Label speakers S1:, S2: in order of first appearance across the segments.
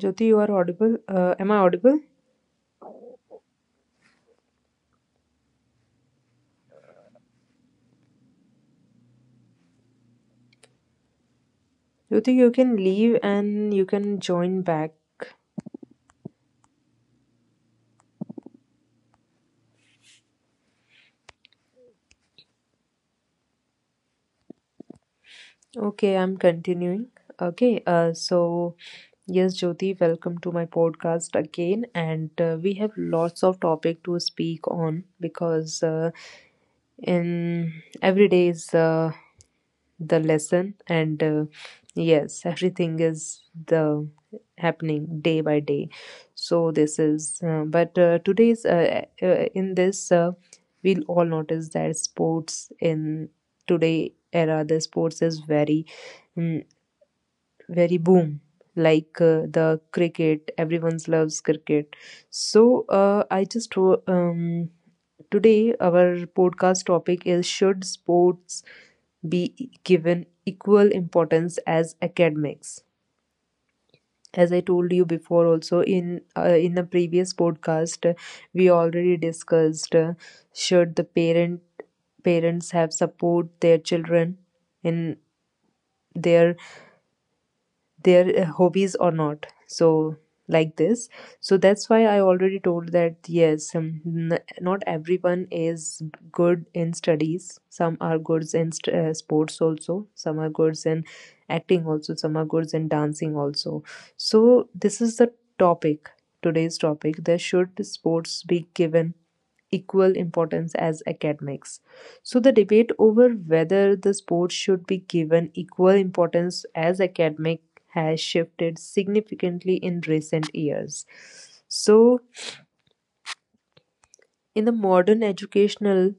S1: Jyoti, you are audible. Am I audible? Jyoti, you can leave and you can join back. Okay, I'm continuing. Okay, so yes, Jyoti, welcome to my podcast again, and we have lots of topic to speak on because in every day is the lesson and yes everything is the happening day by day so this is but today's in this we'll all notice that sports in today era the sports is very mm, very boom like the cricket. Everyone loves cricket so today our podcast topic is should sports be given equal importance as academics. As I told you before also in in a previous podcast, we already discussed should the parents have support their children in their hobbies or not, so like this. So that's why I already told that yes, not everyone is good in studies. Some are good in sports also, some are good in acting also, some are good in dancing also. So this is the topic, today's topic, there should sports be given equal importance as academics. So the debate over whether the sports should be given equal importance as academic has shifted significantly in recent years. So in the modern educational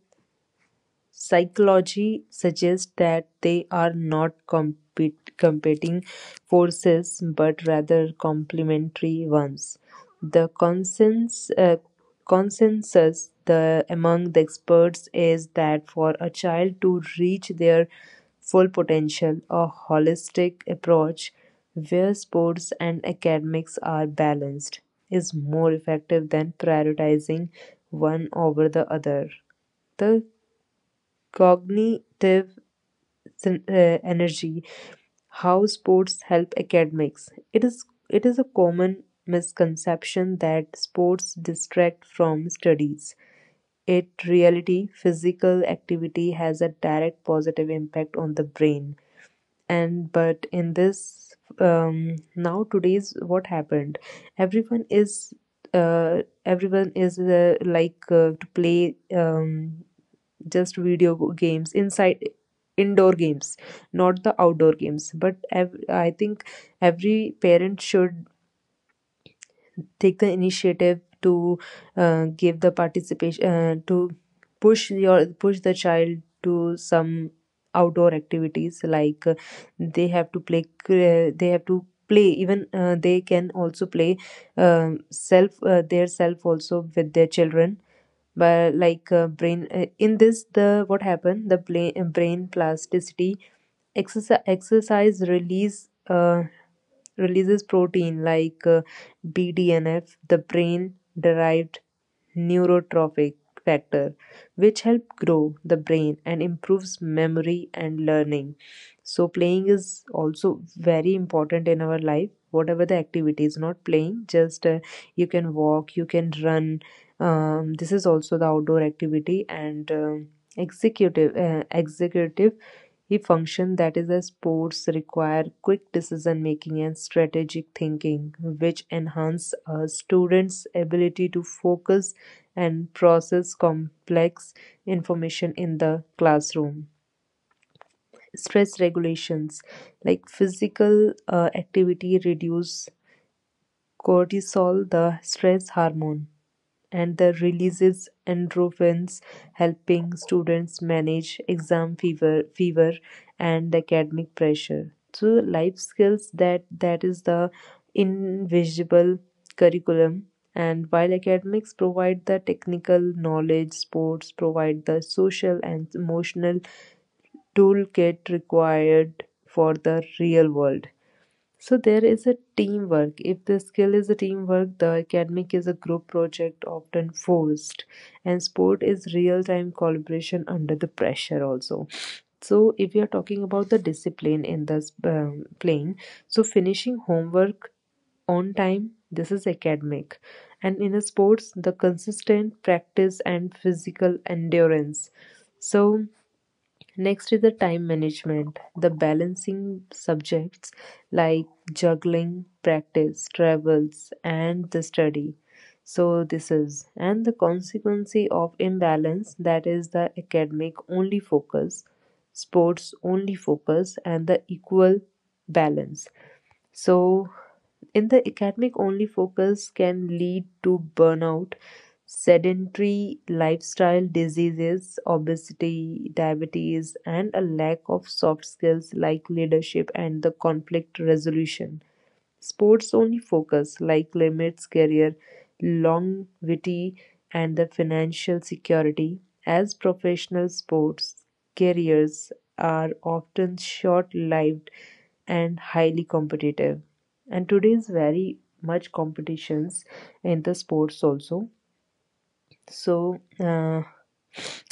S1: psychology suggests that they are not competing forces but rather complementary ones. The consensus among the experts is that for a child to reach their full potential, a holistic approach where sports and academics are balanced is more effective than prioritizing one over the other. The cognitive energy, how sports help academics. It is a common misconception that sports distract from studies. In reality, physical activity has a direct positive impact on the brain. And but in this now today's what happened, everyone is like to play just video games, inside indoor games, not the outdoor games. But I think every parent should take the initiative to give the participation to push the child to some outdoor activities. Like they have to they have to play, even they can also play self, their self also with their children. But like brain in this the what happened, the brain plasticity exercise, exercise releases protein like BDNF, the brain derived neurotrophic factor, which help grow the brain and improves memory and learning. So playing is also very important in our life. Whatever the activity is, not playing, just you can walk, you can run. This is also the outdoor activity. And executive executive he functioned that is, as sports require quick decision-making and strategic thinking, which enhance a student's ability to focus and process complex information in the classroom. Stress regulations like physical activity reduce cortisol, the stress hormone, and the releases endorphins, helping students manage exam fever and academic pressure. So life skills, that is the invisible curriculum. And while academics provide the technical knowledge, sports provide the social and emotional toolkit required for the real world. So there is a teamwork. If the skill is a teamwork, the academic is a group project often forced, and sport is real time collaboration under the pressure also. So if we are talking about the discipline in this plane, so finishing homework on time, this is academic, and in a sports, the consistent practice and physical endurance. So next is the time management, the balancing subjects like juggling, practice, travels, and the study. So this is, and the consequence of imbalance, that is the academic only focus, sports only focus, and the equal balance. So in the academic only focus can lead to burnout, sedentary lifestyle diseases, obesity, diabetes, and a lack of soft skills like leadership and the conflict resolution. Sports only focus, like limits, career longevity and the financial security, as professional sports careers are often short lived and highly competitive. And today's very much competitions in the sports also. So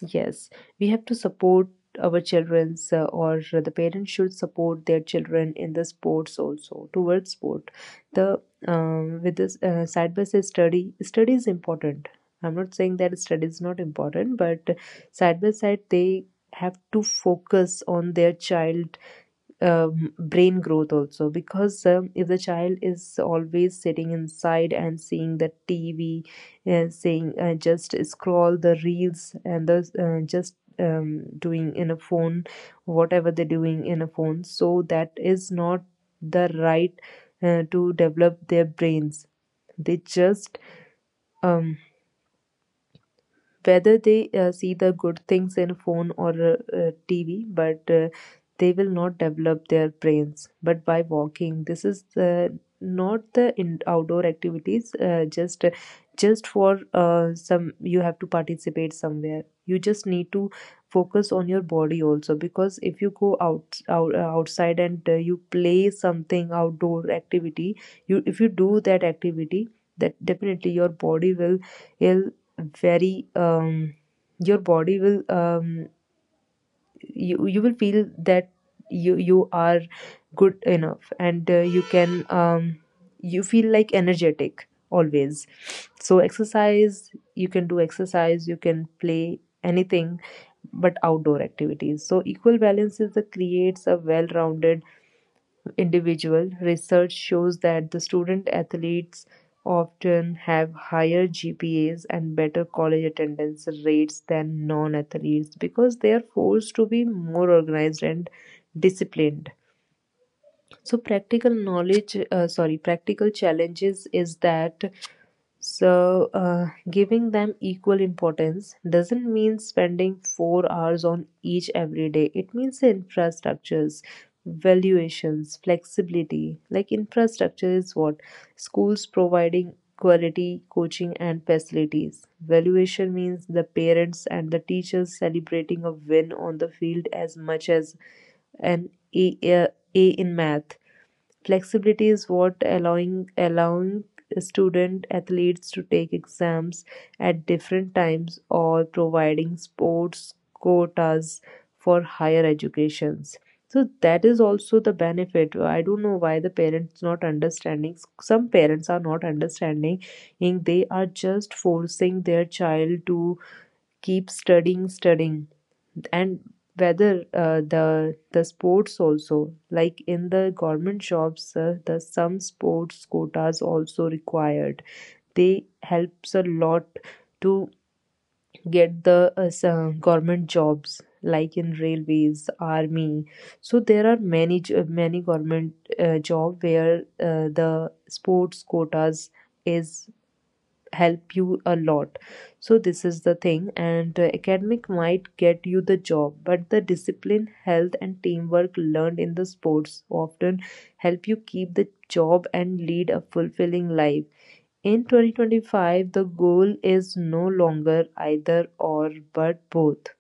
S1: yes, we have to support our children's, or the parents should support their children in the sports also, towards sport. The with this side by side study, study is important. I'm not saying that study is not important, but side by side they have to focus on their child brain growth also. Because if the child is always sitting inside and seeing the TV, saying just scroll the reels and the just doing in a phone, whatever they're doing in a phone, so that is not the right to develop their brains. They just um, whether they see the good things in phone or TV, but they will not develop their brains. But by walking, this is not the in outdoor activities, just for some, you have to participate somewhere. You just need to focus on your body also, because if you go out, out outside and you play something outdoor activity, you if you do that activity, that definitely your body will very your body will you, you will feel that you are good enough, and you can you feel like energetic always. So exercise, you can do exercise, you can play anything but outdoor activities. So equal balance is the creates a well-rounded individual. Research shows that the student athletes often have higher GPAs and better college attendance rates than non athletes, because they are forced to be more organized and disciplined. So practical knowledge, sorry practical challenges, is that so, giving them equal importance doesn't mean spending 4 hours on each every day. It means the infrastructures, valuations, flexibility. Like, infrastructure is what? Schools providing quality coaching and facilities. Valuation means the parents and the teachers celebrating a win on the field as much as an A, A a in math. Flexibility is what, allowing student athletes to take exams at different times or providing sports quotas for higher educations. So that is also the benefit. I don't know why the parents not understanding. Some parents are not understanding. And they are just forcing their child to keep studying, studying. And whether the sports also, like in the government shops, the some sports quotas also required, they helps a lot to get the government jobs like in railways, army. So there are many many government job where the sports quotas is help you a lot. So this is the thing. And academic might get you the job, but the discipline, health and teamwork learned in the sports often help you keep the job and lead a fulfilling life. In 2025, the goal is no longer either or but both.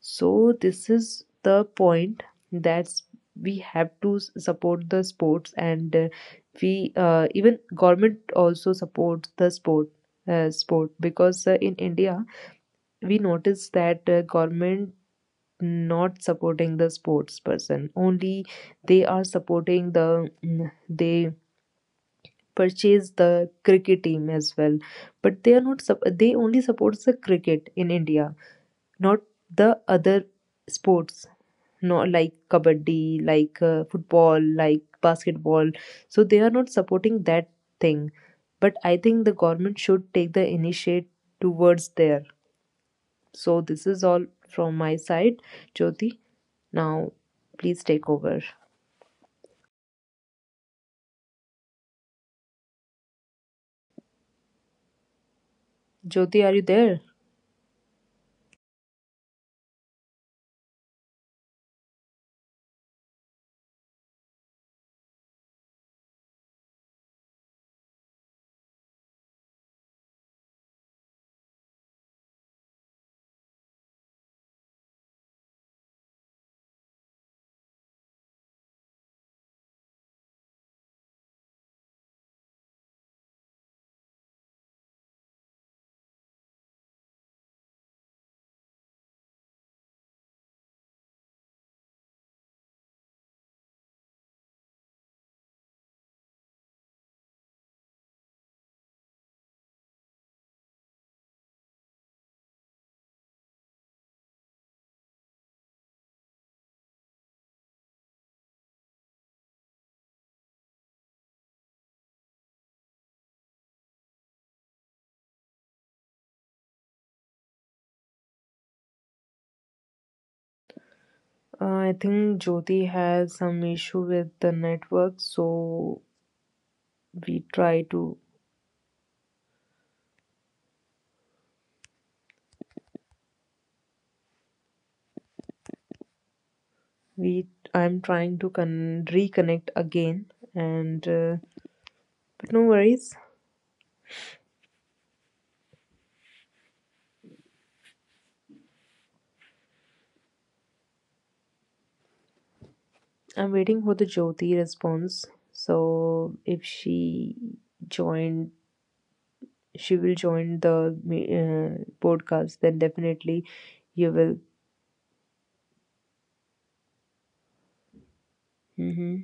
S1: So this is the point, that we have to support the sports. And we, even government also supports the sport, sport, because in India we notice that government not supporting the sports person, only they are supporting the they purchase the cricket team as well, but they are not sup- they only supports the cricket in India, not the other sports, no, like kabaddi, like football, like basketball. So they are not supporting that thing, but I think the government should take the initiate towards there. So this is all from my side. Jyoti, now please take over. Jyoti, are you there? I think Jyoti has some issue with the network, so we try to we I'm trying to reconnect again. And but no worries, I'm waiting for the Jyoti response. So if she joined, she will join the podcast, then definitely you will. Mm-hmm.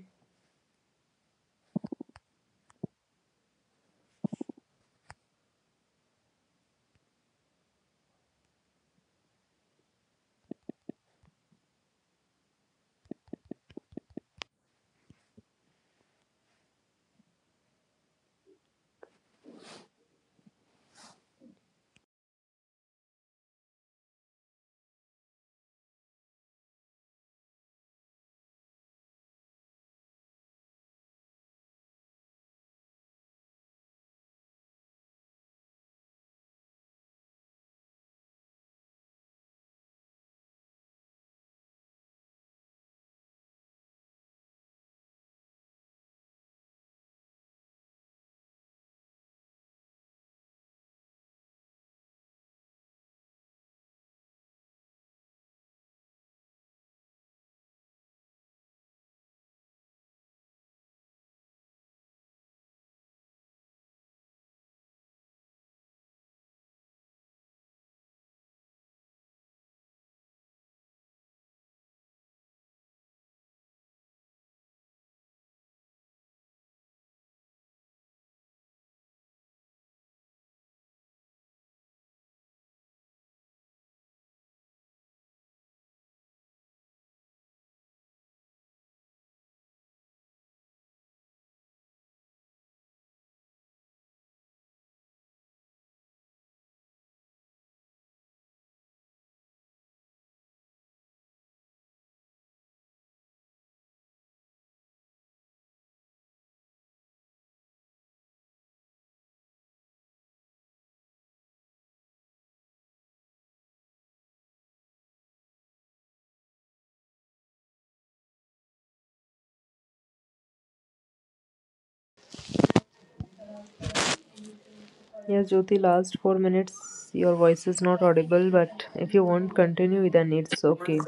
S1: Yes, Jyoti, last 4 minutes your voice is not audible, but if you want continue then it's okay,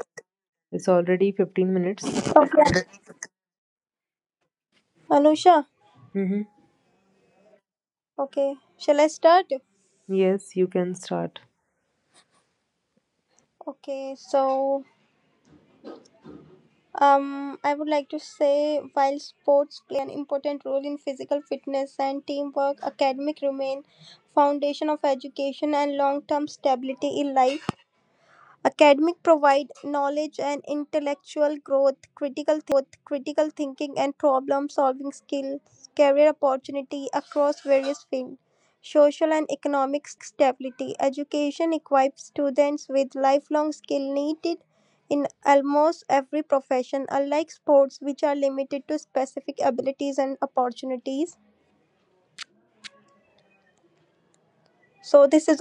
S1: it's already 15 minutes.
S2: Okay, Anusha.
S1: Mm-hmm.
S2: Okay, shall I start?
S1: Yes, you can start.
S2: Okay, I would like to say while sports play an important role in physical fitness and teamwork, academic remain foundation of education and long-term stability in life. Academic provide knowledge and intellectual growth, critical thinking and problem solving skills, career opportunity across various fields, social and economic stability. Education equips students with lifelong skill needed in almost every profession, unlike sports which are limited to specific abilities and opportunities. So this is